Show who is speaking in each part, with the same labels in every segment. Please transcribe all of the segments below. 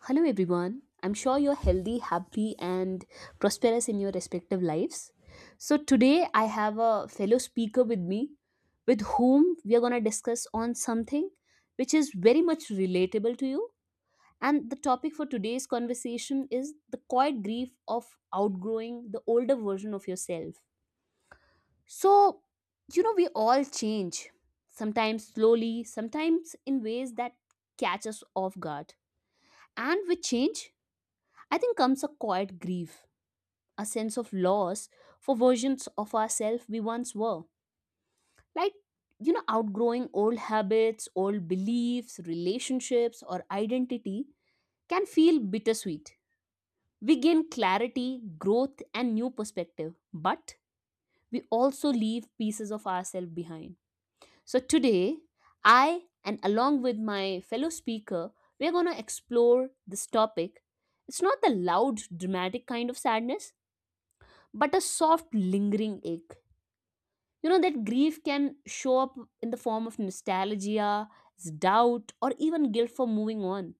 Speaker 1: Hello, everyone. I'm sure you're healthy, happy, and prosperous in your respective lives. So, today I have a fellow speaker with me with whom we are going to discuss on something which is very much relatable to you. And the topic for today's conversation is the quiet grief of outgrowing the older version of yourself. So, you know, we all change, sometimes slowly, sometimes in ways that catch us off guard. And with change, I think comes a quiet grief, a sense of loss for versions of ourselves we once were. Like, you know, outgrowing old habits, old beliefs, relationships, or identity can feel bittersweet. We gain clarity, growth, and new perspective, but we also leave pieces of ourselves behind. So, today, I and along with my fellow speaker, we're going to explore this topic. It's not the loud, dramatic kind of sadness but a soft lingering ache, you know, that grief can show up in the form of nostalgia, doubt, or even guilt for moving on.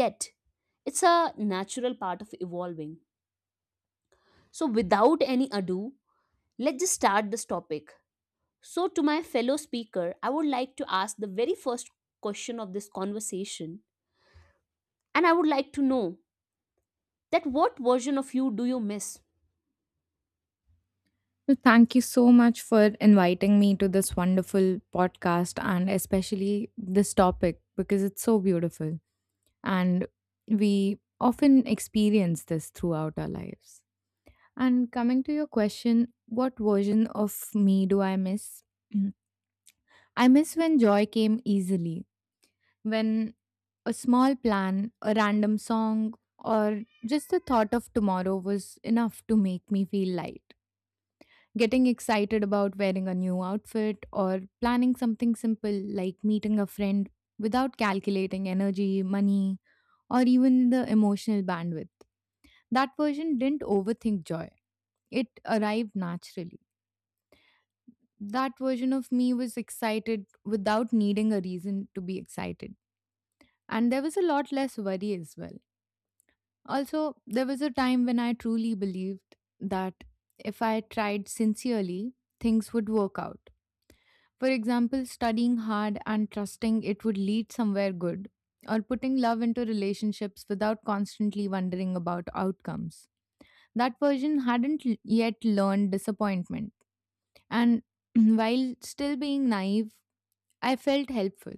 Speaker 1: Yet it's a natural part of evolving. So without any ado, let's just start this topic. So to my fellow speaker, I would like to ask the very first question of this conversation, and I would like to know that what version of you do you miss?
Speaker 2: Well, thank you so much for inviting me to this wonderful podcast and especially this topic because it's so beautiful. And we often experience this throughout our lives. And coming to your question, what version of me do I miss? Mm. I miss when joy came easily, when a small plan, a random song, or just the thought of tomorrow was enough to make me feel light. Getting excited about wearing a new outfit or planning something simple like meeting a friend without calculating energy, money, or even the emotional bandwidth. That version didn't overthink joy, it arrived naturally. That version of me was excited without needing a reason to be excited. And there was a lot less worry as well. Also, there was a time when I truly believed that if I tried sincerely, things would work out. For example, studying hard and trusting it would lead somewhere good, or putting love into relationships without constantly wondering about outcomes. That version hadn't yet learned disappointment, and while still being naive, I felt helpful,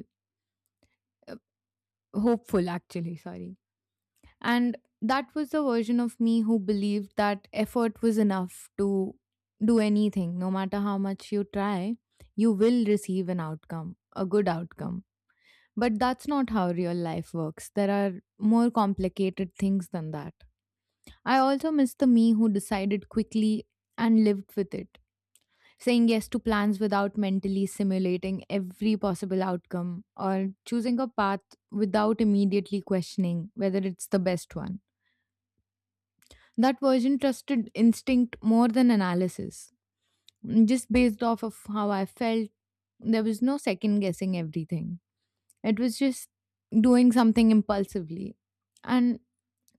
Speaker 2: uh, hopeful actually, sorry. And that was the version of me who believed that effort was enough to do anything. No matter how much you try, you will receive an outcome, a good outcome. But that's not how real life works. There are more complicated things than that. I also miss the me who decided quickly and lived with it, saying yes to plans without mentally simulating every possible outcome, or choosing a path without immediately questioning whether it's the best one. That version trusted instinct more than analysis, just based off of how I felt. There was no second guessing everything. It was just doing something impulsively. And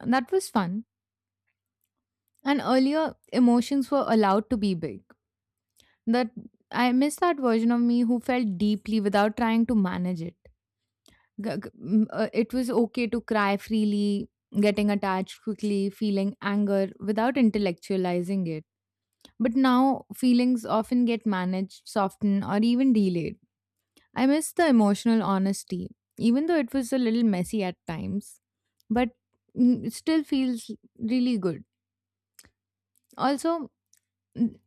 Speaker 2: that was fun. And earlier, emotions were allowed to be big. That I miss that version of me who felt deeply without trying to manage it. It was okay to cry freely, getting attached quickly, feeling anger without intellectualizing it. But now, feelings often get managed, softened, or even delayed. I miss the emotional honesty, even though it was a little messy at times, but it still feels really good. Also,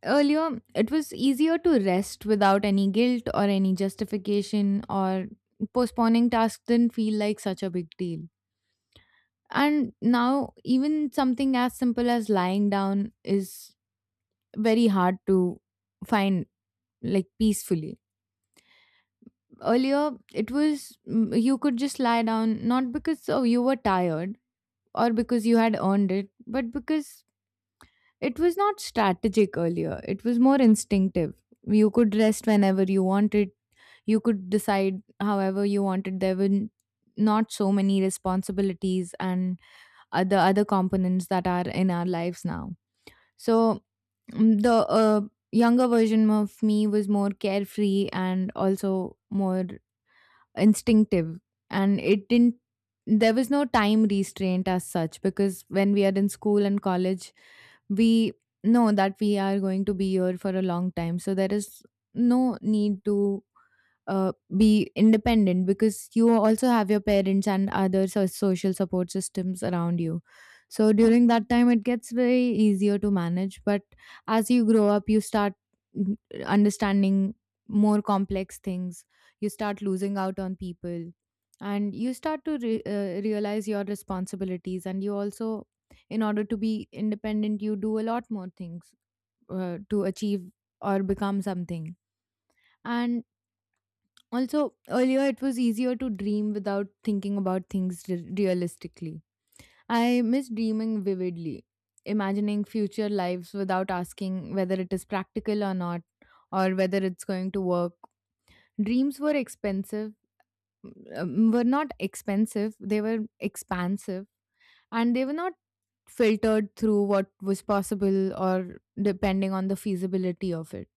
Speaker 2: earlier, it was easier to rest without any guilt or any justification, or postponing tasks didn't feel like such a big deal. And now, even something as simple as lying down is very hard to find, like, peacefully. Earlier, you could just lie down, not because oh, you were tired or because you had earned it, but because it was not strategic. Earlier, it was more instinctive. You could rest whenever you wanted, you could decide however you wanted. Not so many responsibilities and other components that are in our lives now. So, the uh, younger version of me was more carefree and also more instinctive, and it didn't, there was no time restraint as such, because when we are in school and college, we know that we are going to be here for a long time, so there is no need to be independent because you also have your parents and other social support systems around you. So during that time it gets very easier to manage, but as you grow up you start mm, understanding more complex things. You start losing out on people, and you start to realize your responsibilities, and you also, in order to be independent, you do a lot more things to achieve or become something. And also, earlier it was easier to dream without thinking about things realistically. I miss dreaming vividly, imagining future lives without asking whether it is practical or not, or whether it's going to work. Dreams were expensive, were not expensive, they were expansive. And they were not filtered through what was possible or depending on the feasibility of it.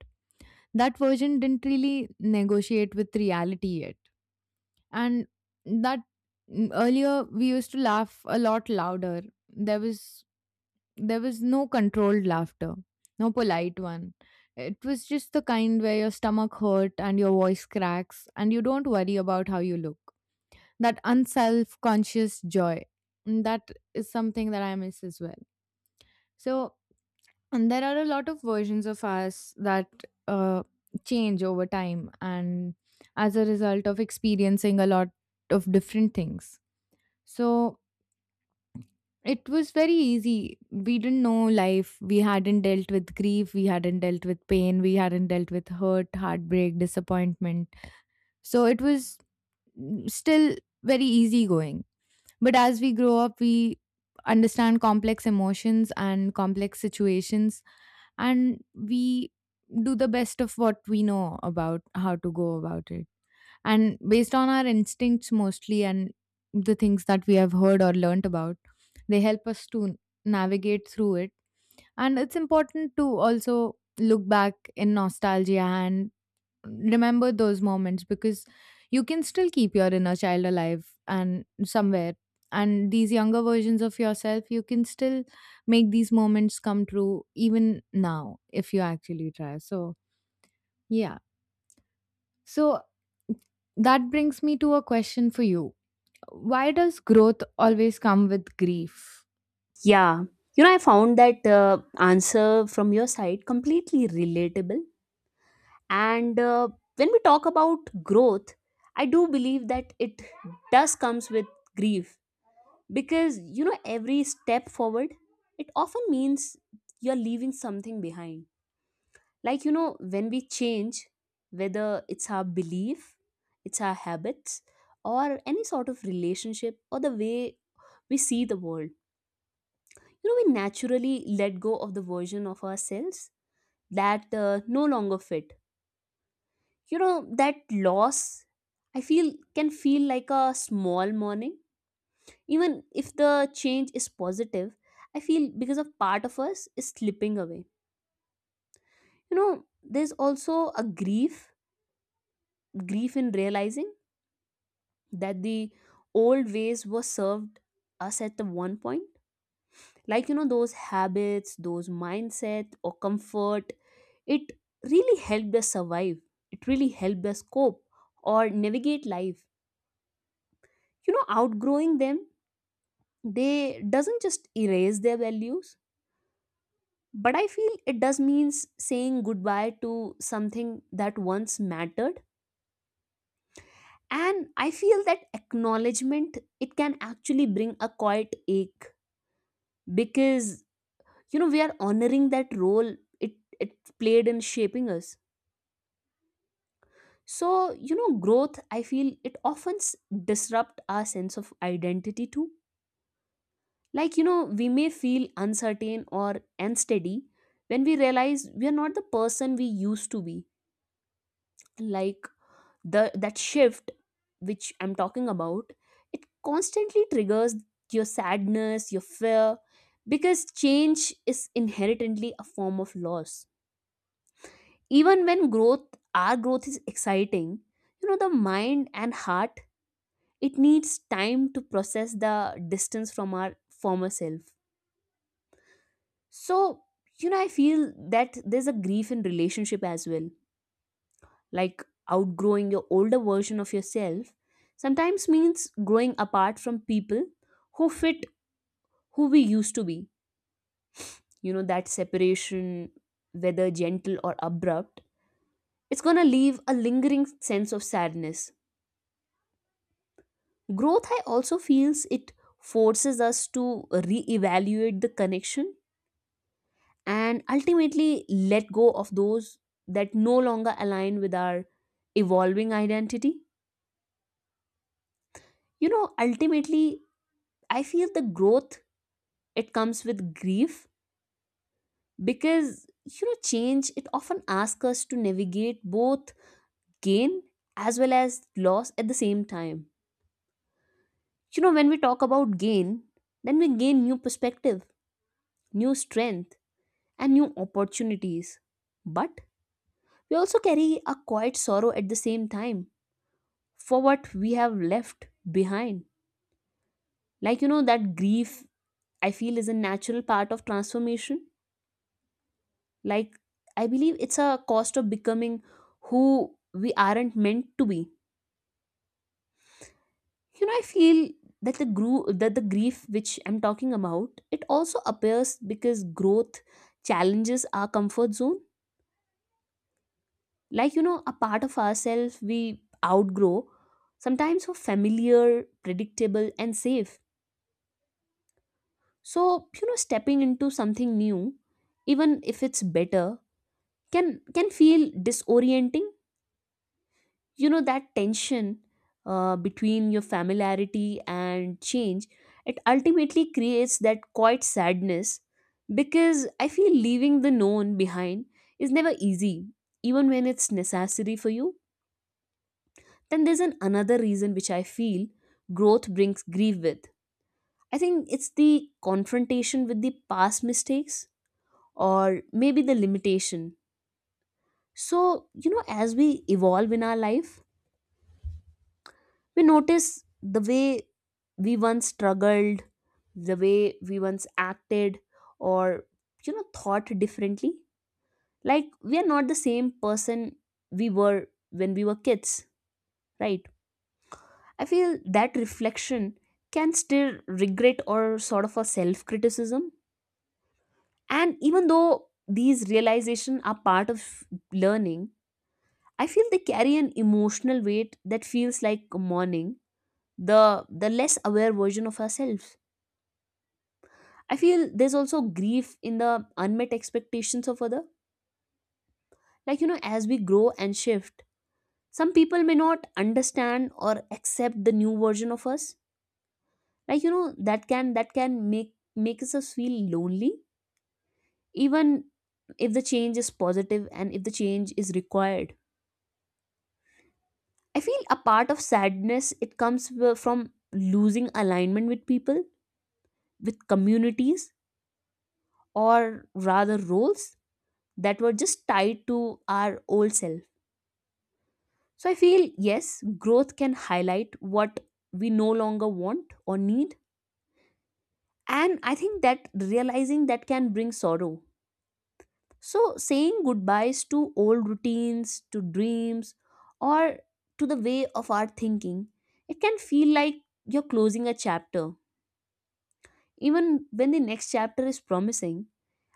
Speaker 2: That version didn't really negotiate with reality yet. And that, earlier we used to laugh a lot louder. there was there was no controlled laughter, no polite one. It was just the kind where your stomach hurt and your voice cracks and you don't worry about how you look. That unself-conscious joy. And that is something that I miss as well. So, and there are a lot of versions of us that uh, change over time, and as a result of experiencing a lot of different things. So, it was very easy. We didn't know life. We hadn't dealt with grief. We hadn't dealt with pain. We hadn't dealt with hurt, heartbreak, disappointment. So it was, still very easygoing. But as we grow up, we understand complex emotions and complex situations, and we do the best of what we know about how to go about it. And based on our instincts mostly and the things that we have heard or learnt about, they help us to navigate through it. And it's important to also look back in nostalgia and remember those moments, because you can still keep your inner child alive and somewhere, and these younger versions of yourself, you can still make these moments come true even now if you actually try. So yeah. So that brings me to a question for you: why does growth always come with grief?
Speaker 1: Yeah, you know, I found that answer from your side completely relatable, and when we talk about growth, I do believe that it does comes with grief because, you know, every step forward, it often means you're leaving something behind. Like, you know, when we change, whether it's our belief, it's our habits, or any sort of relationship, or the way we see the world, you know, we naturally let go of the version of ourselves that no longer fit. You know, that loss, I feel, can feel like a small mourning, even if the change is positive. I feel because a part of us is slipping away. You know, there's also a grief in realizing that the old ways were served us at the one point. Like, you know, those habits, those mindset, or comfort, it really helped us survive, it really helped us cope, or navigate life. You know, outgrowing them, they doesn't just erase their values, but I feel it does means saying goodbye to something that once mattered. And I feel that acknowledgement, it can actually bring a quiet ache because, you know, we are honoring that role it played in shaping us. So, you know, growth, I feel it often disrupt our sense of identity too. Like, you know, we may feel uncertain or unsteady when we realize we are not the person we used to be. Like the that shift which I'm talking about, it constantly triggers your sadness, your fear, because change is inherently a form of loss. Even when growth, our growth is exciting, you know, the mind and heart, it needs time to process the distance from our former self. So, you know, I feel that there's a grief in relationship as well. Like outgrowing your older version of yourself sometimes means growing apart from people who fit who we used to be. You know, that separation, whether gentle or abrupt, it's gonna leave a lingering sense of sadness. Growth, I also feels it forces us to reevaluate the connection and ultimately let go of those that no longer align with our evolving identity. You know, ultimately, I feel the growth, it comes with grief because, you know, change, it often asks us to navigate both gain as well as loss at the same time. You know, when we talk about gain, then we gain new perspective, new strength, and new opportunities. But we also carry a quiet sorrow at the same time for what we have left behind. Like, you know, that grief, I feel, is a natural part of transformation. Like, I believe it's a cost of becoming who we aren't meant to be. You know, I feel that that the grief which I'm talking about, it also appears because growth challenges our comfort zone. Like, you know, a part of ourselves we outgrow, sometimes so familiar, predictable, and safe. So, you know, stepping into something new, even if it's better, can feel disorienting. You know, that tension between your familiarity and change, it ultimately creates that quiet sadness because I feel leaving the known behind is never easy, even when it's necessary for you. Then there's an another reason which I feel growth brings grief with. I think it's the confrontation with the past mistakes or maybe the limitation. So, you know, as we evolve in our life, we notice the way we once struggled, the way we once acted, or, you know, thought differently. Like, we are not the same person we were when we were kids, right? I feel that reflection can stir regret or sort of a self criticism. And even though these realizations are part of learning, I feel they carry an emotional weight that feels like mourning, the less aware version of ourselves. I feel there's also grief in the unmet expectations of other. Like, you know, as we grow and shift, some people may not understand or accept the new version of us. Like, you know, that can make us feel lonely, even if the change is positive and if the change is required. I feel a part of sadness it comes from losing alignment with people, with communities, or rather roles that were just tied to our old self. So I feel yes, growth can highlight what we no longer want or need. And I think that realizing that can bring sorrow. So saying goodbyes to old routines, to dreams, or to the way of our thinking, it can feel like you're closing a chapter, even when the next chapter is promising.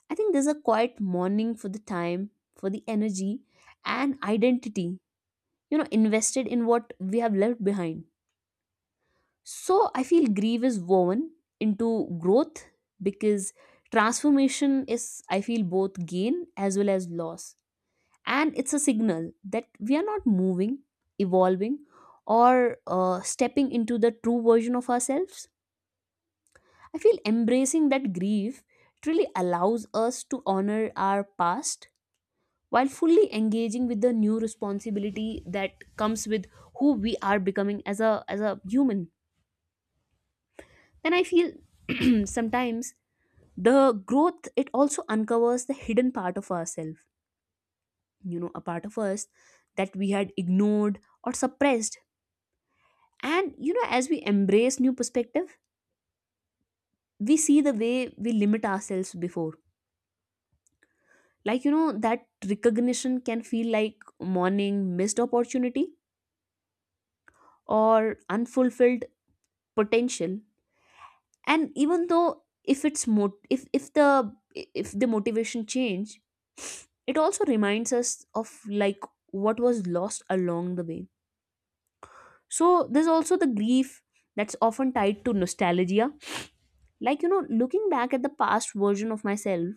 Speaker 1: I think there's a quiet mourning for the time, for the energy and identity, you know, invested in what we have left behind. So I feel grief is woven into growth because transformation is, I feel, both gain as well as loss. And it's a signal that we are not moving, evolving, or stepping into the true version of ourselves. I feel embracing that grief, it really allows us to honor our past while fully engaging with the new responsibility that comes with who we are becoming as a human. And I feel sometimes the growth, it also uncovers the hidden part of ourselves. You know, a part of us that we had ignored or suppressed. And, you know, as we embrace new perspective, we see the way we limit ourselves before. Like, you know, that recognition can feel like mourning missed opportunity or unfulfilled potential. And even though if it's mo- if the if the motivation change, it also reminds us of like what was lost along the way. So there's also the grief that's often tied to nostalgia. Like, you know, looking back at the past version of myself,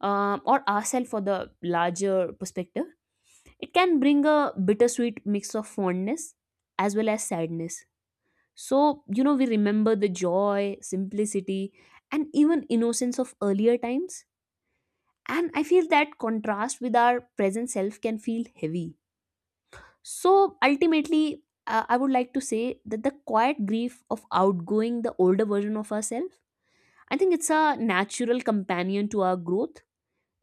Speaker 1: or ourselves for the larger perspective, it can bring a bittersweet mix of fondness as well as sadness. So, you know, we remember the joy, simplicity, and even innocence of earlier times. And I feel that contrast with our present self can feel heavy. So, ultimately, I would like to say that the quiet grief of outgoing the older version of ourselves, I think it's a natural companion to our growth.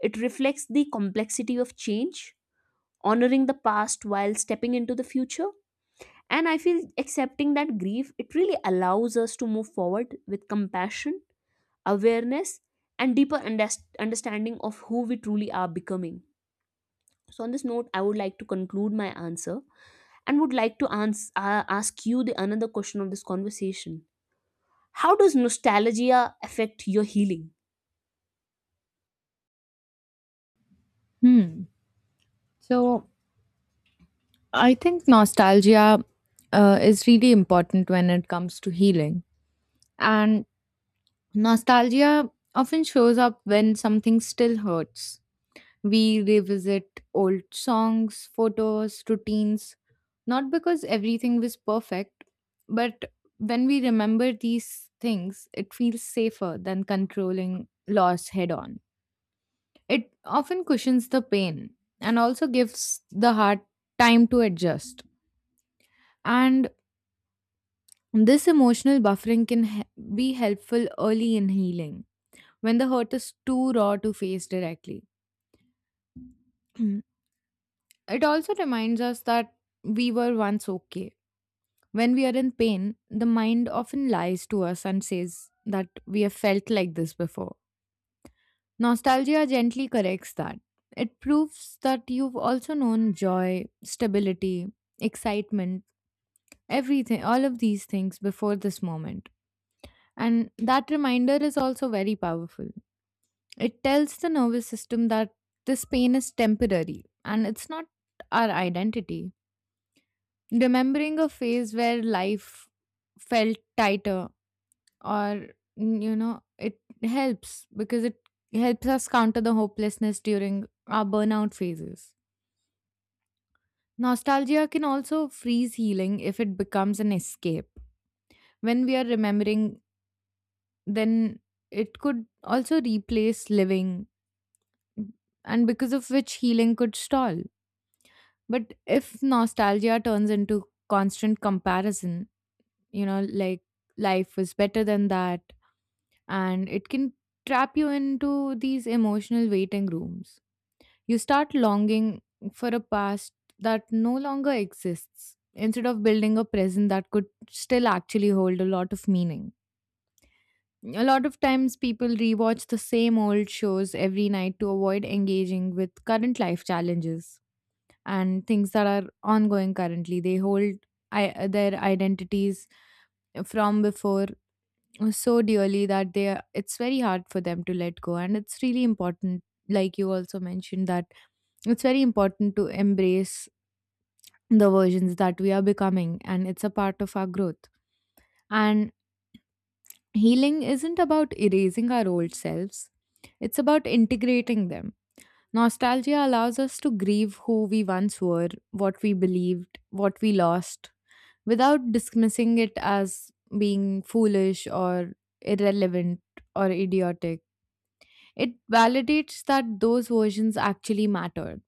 Speaker 1: It reflects the complexity of change, honoring the past while stepping into the future. And I feel accepting that grief, it really allows us to move forward with compassion, awareness, and deeper understanding of who we truly are becoming. So, on this note, I would like to conclude my answer and would like to ask you the another question of this conversation. How does nostalgia affect your healing?
Speaker 2: Hmm. So I think nostalgia is really important when it comes to healing. And nostalgia often shows up when something still hurts. We revisit old songs, photos, routines, not because everything was perfect, but when we remember these things, it feels safer than controlling loss head on. It often cushions the pain and also gives the heart time to adjust. And this emotional buffering can be helpful early in healing, when the hurt is too raw to face directly. It also reminds us that we were once okay. When we are in pain, the mind often lies to us and says that we have felt like this before. Nostalgia gently corrects that. It proves that you've also known joy, stability, excitement, everything, all of these things before this moment. And that reminder is also very powerful. It tells the nervous system that this pain is temporary and it's not our identity. Remembering a phase where life felt tighter or, you know, it helps because it helps us counter the hopelessness during our burnout phases. Nostalgia can also freeze healing if it becomes an escape. When we are remembering, then it could also replace living, and because of which healing could stall. But if nostalgia turns into constant comparison, you know, like life was better than that, and it can trap you into these emotional waiting rooms. You start longing for a past that no longer exists, instead of building a present that could still actually hold a lot of meaning. A lot of times, people rewatch the same old shows every night to avoid engaging with current life challenges and things that are ongoing currently. They hold their identities from before so dearly that they are, it's very hard for them to let go. And it's really important, like you also mentioned, that it's very important to embrace the versions that we are becoming, and it's a part of our growth. And healing isn't about erasing our old selves, it's about integrating them. Nostalgia allows us to grieve who we once were, what we believed, what we lost, without dismissing it as being foolish or irrelevant or idiotic. It validates that those versions actually mattered.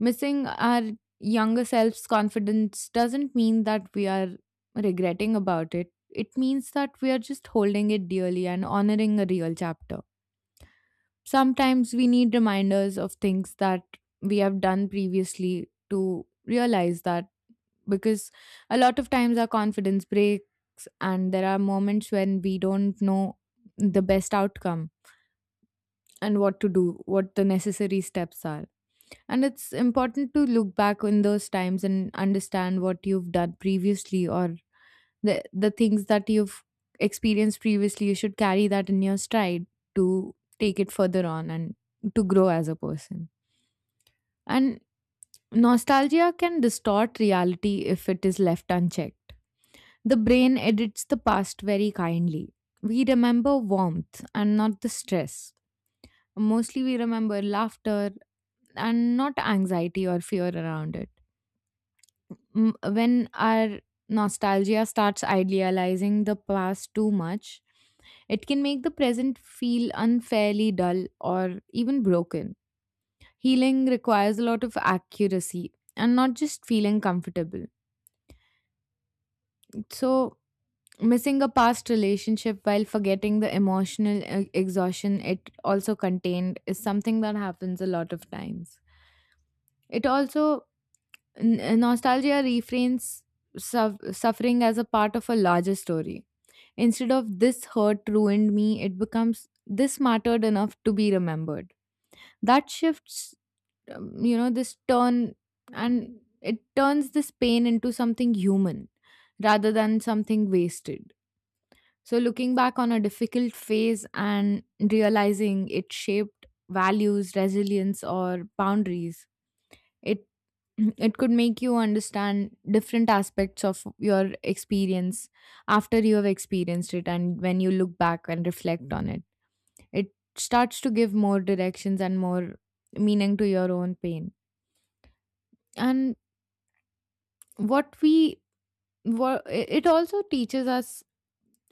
Speaker 2: Missing our younger self's confidence doesn't mean that we are regretting about it. It means that we are just holding it dearly and honoring a real chapter. Sometimes we need reminders of things that we have done previously to realize that, because a lot of times our confidence breaks, and there are moments when we don't know the best outcome and what to do, what the necessary steps are. And it's important to look back on those times and understand what you've done previously, or the things that you've experienced previously. You should carry that in your stride to take it further on and to grow as a person. And nostalgia can distort reality if it is left unchecked. The brain edits the past very kindly. We remember warmth and not the stress. Mostly we remember laughter and not anxiety or fear around it. When our nostalgia starts idealizing the past too much, it can make the present feel unfairly dull or even broken. Healing requires a lot of accuracy and not just feeling comfortable. So, missing a past relationship while forgetting the emotional exhaustion it also contained is something that happens a lot of times. It also, nostalgia reframes suffering as a part of a larger story. Instead of this hurt ruined me, it becomes this mattered enough to be remembered. That shifts, you know, this turn, and it turns this pain into something human rather than something wasted. So, looking back on a difficult phase and realizing it shaped values, resilience, or boundaries, it It could make you understand different aspects of your experience after you have experienced it and when you look back and reflect on it. It starts to give more directions and more meaning to your own pain. And what we what it also teaches us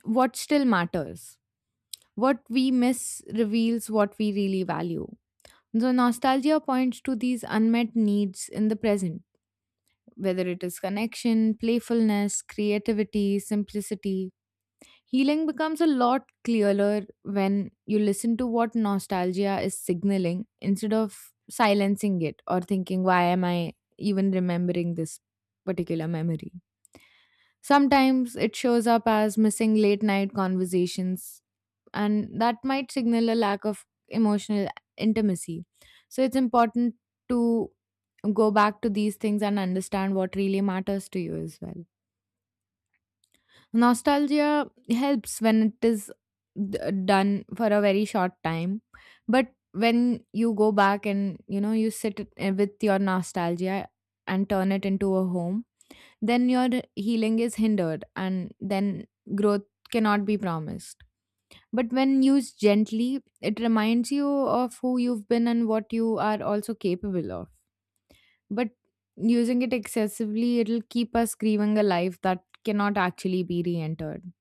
Speaker 2: what still matters. What we miss reveals what we really value. So nostalgia points to these unmet needs in the present, whether it is connection, playfulness, creativity, simplicity. Healing becomes a lot clearer when you listen to what nostalgia is signaling instead of silencing it or thinking, why am I even remembering this particular memory? Sometimes it shows up as missing late night conversations, and that might signal a lack of emotional intimacy. So it's important to go back to these things and understand what really matters to you as well. Nostalgia helps when it is d- done for a very short time, but when you go back and you know you sit with your nostalgia and turn it into a home, then your healing is hindered and then growth cannot be promised. But when used gently, it reminds you of who you've been and what you are also capable of. But using it excessively, it'll keep us grieving a life that cannot actually be re entered.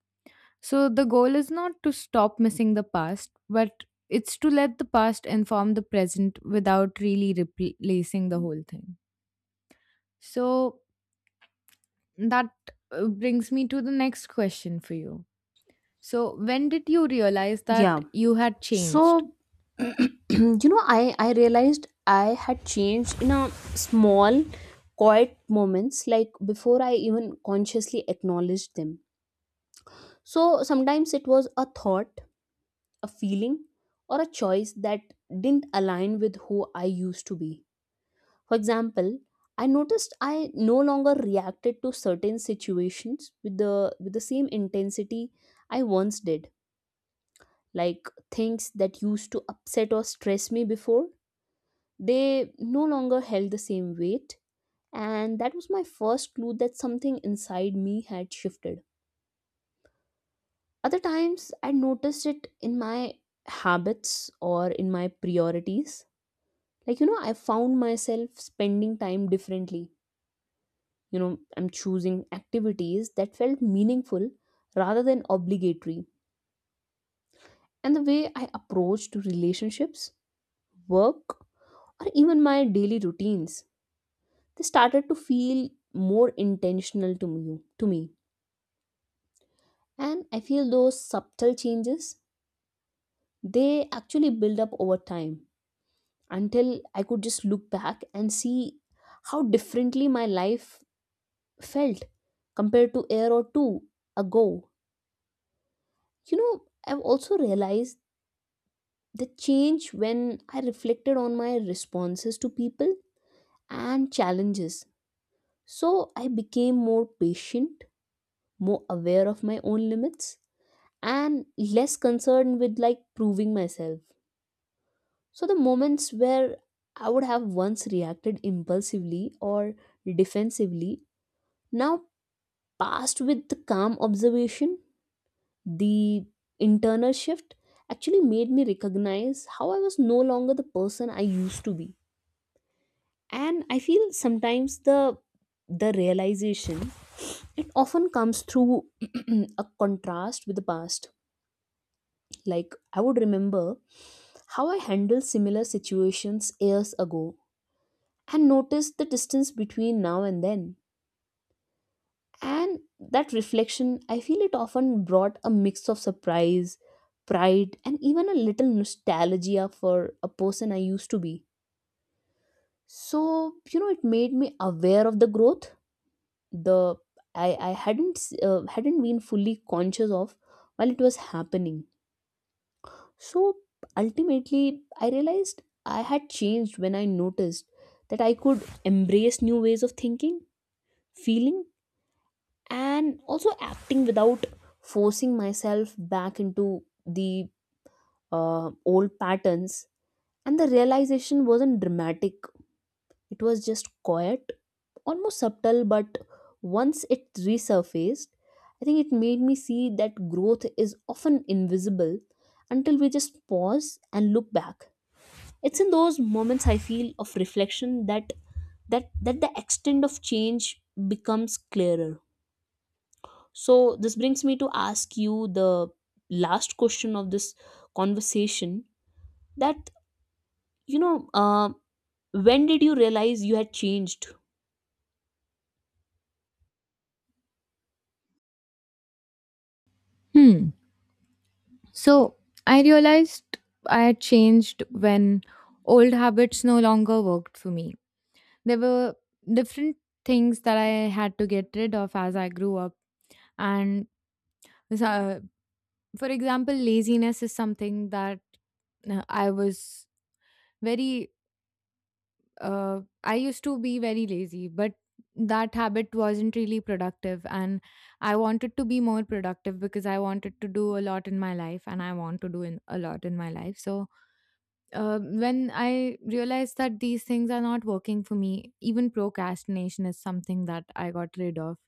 Speaker 2: So the goal is not to stop missing the past, but it's to let the past inform the present without really replacing the whole thing. So that brings me to the next question for you. So, when did you realize that
Speaker 1: Yeah.
Speaker 2: you had changed?
Speaker 1: So, you know, I realized I had changed in a small, quiet moments like before I even consciously acknowledged them. So sometimes it was a thought, a feeling, or a choice that didn't align with who I used to be. For example, I noticed I no longer reacted to certain situations with the same intensity I once did. Like things that used to upset or stress me before, they no longer held the same weight, and that was my first clue that something inside me had shifted. Other times I noticed it in my habits or in my priorities. Like, you know, I found myself spending time differently. You know, I'm choosing activities that felt meaningful rather than obligatory, and the way I approached relationships, work, or even my daily routines, they started to feel more intentional to me. And I feel those subtle changes, they actually build up over time until I could just look back and see how differently my life felt compared to a or two ago. You know, I've also realized the change when I reflected on my responses to people and challenges. So I became more patient, more aware of my own limits, and less concerned with like proving myself. So the moments where I would have once reacted impulsively or defensively now passed with the calm observation, the internal shift actually made me recognize how I was no longer the person I used to be. And I feel sometimes the realization, it often comes through a contrast with the past. Like I would remember how I handled similar situations years ago and notice the distance between now and then. And that reflection, I feel, it often brought a mix of surprise, pride, and even a little nostalgia for a person I used to be. So, you know, it made me aware of the growth, the I hadn't been fully conscious of while it was happening. So ultimately, I realized I had changed when I noticed that I could embrace new ways of thinking, feeling, and also acting without forcing myself back into the old patterns. And the realization wasn't dramatic, it was just quiet, almost subtle, but once it resurfaced, I think it made me see that growth is often invisible until we just pause and look back. It's in those moments, I feel, of reflection that that the extent of change becomes clearer. So, this brings me to ask you the last question of this conversation that, you know, when did you realize you had changed?
Speaker 2: Hmm. So, I realized I had changed when old habits no longer worked for me. There were different things that I had to get rid of as I grew up. And, uh, for example, laziness is something that uh, I was very I used to be very lazy, but that habit wasn't really productive. And I wanted to be more productive because I wanted to do a lot in my life and I want to a lot in my life. So when I realized that these things are not working for me, even procrastination is something that I got rid of.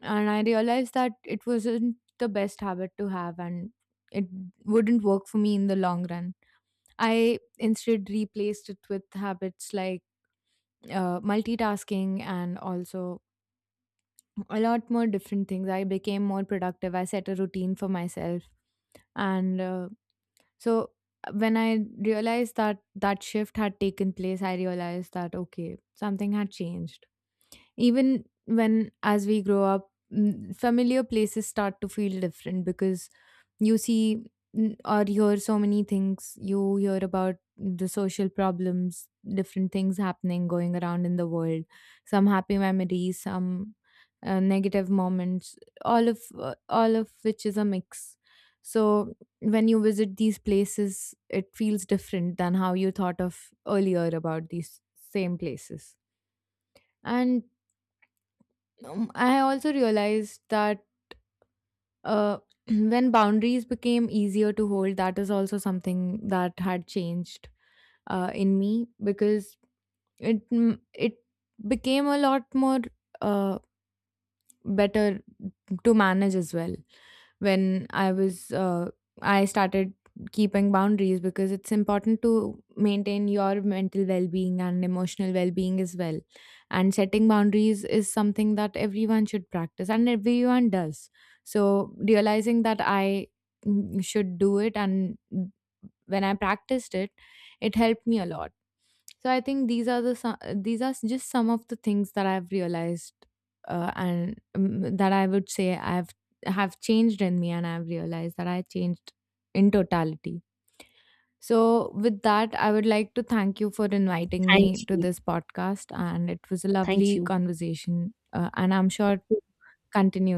Speaker 2: And I realized that it wasn't the best habit to have and it wouldn't work for me in the long run. I instead replaced it with habits like multitasking and also a lot more different things. I became more productive. I set a routine for myself. And so When I realized that that shift had taken place, I realized that, okay, something had changed even when, as we grow up, familiar places start to feel different because you see or hear so many things. You hear about the social problems, different things happening, going around in the world, some happy memories, some negative moments, all of which is a mix. So when you visit these places, it feels different than how you thought of earlier about these same places. And I also realized that uh, when boundaries became easier to hold, that is also something that had changed in me because it became a lot more uh, better to manage as well. When I was I started keeping boundaries because it's important to maintain your mental well-being and emotional well-being as well, and setting boundaries is something that everyone should practice and everyone does. So realizing that I should do it, and when I practiced it, it helped me a lot. So I think these are these are just some of the things that I've realized, and that I would say I've have changed in me, and I've realized that I changed in totality. So with that I would like to thank you for inviting
Speaker 1: Thank
Speaker 2: me to
Speaker 1: you.
Speaker 2: this podcast, and it was a
Speaker 1: Thank
Speaker 2: lovely
Speaker 1: you.
Speaker 2: conversation and I'm sure to continue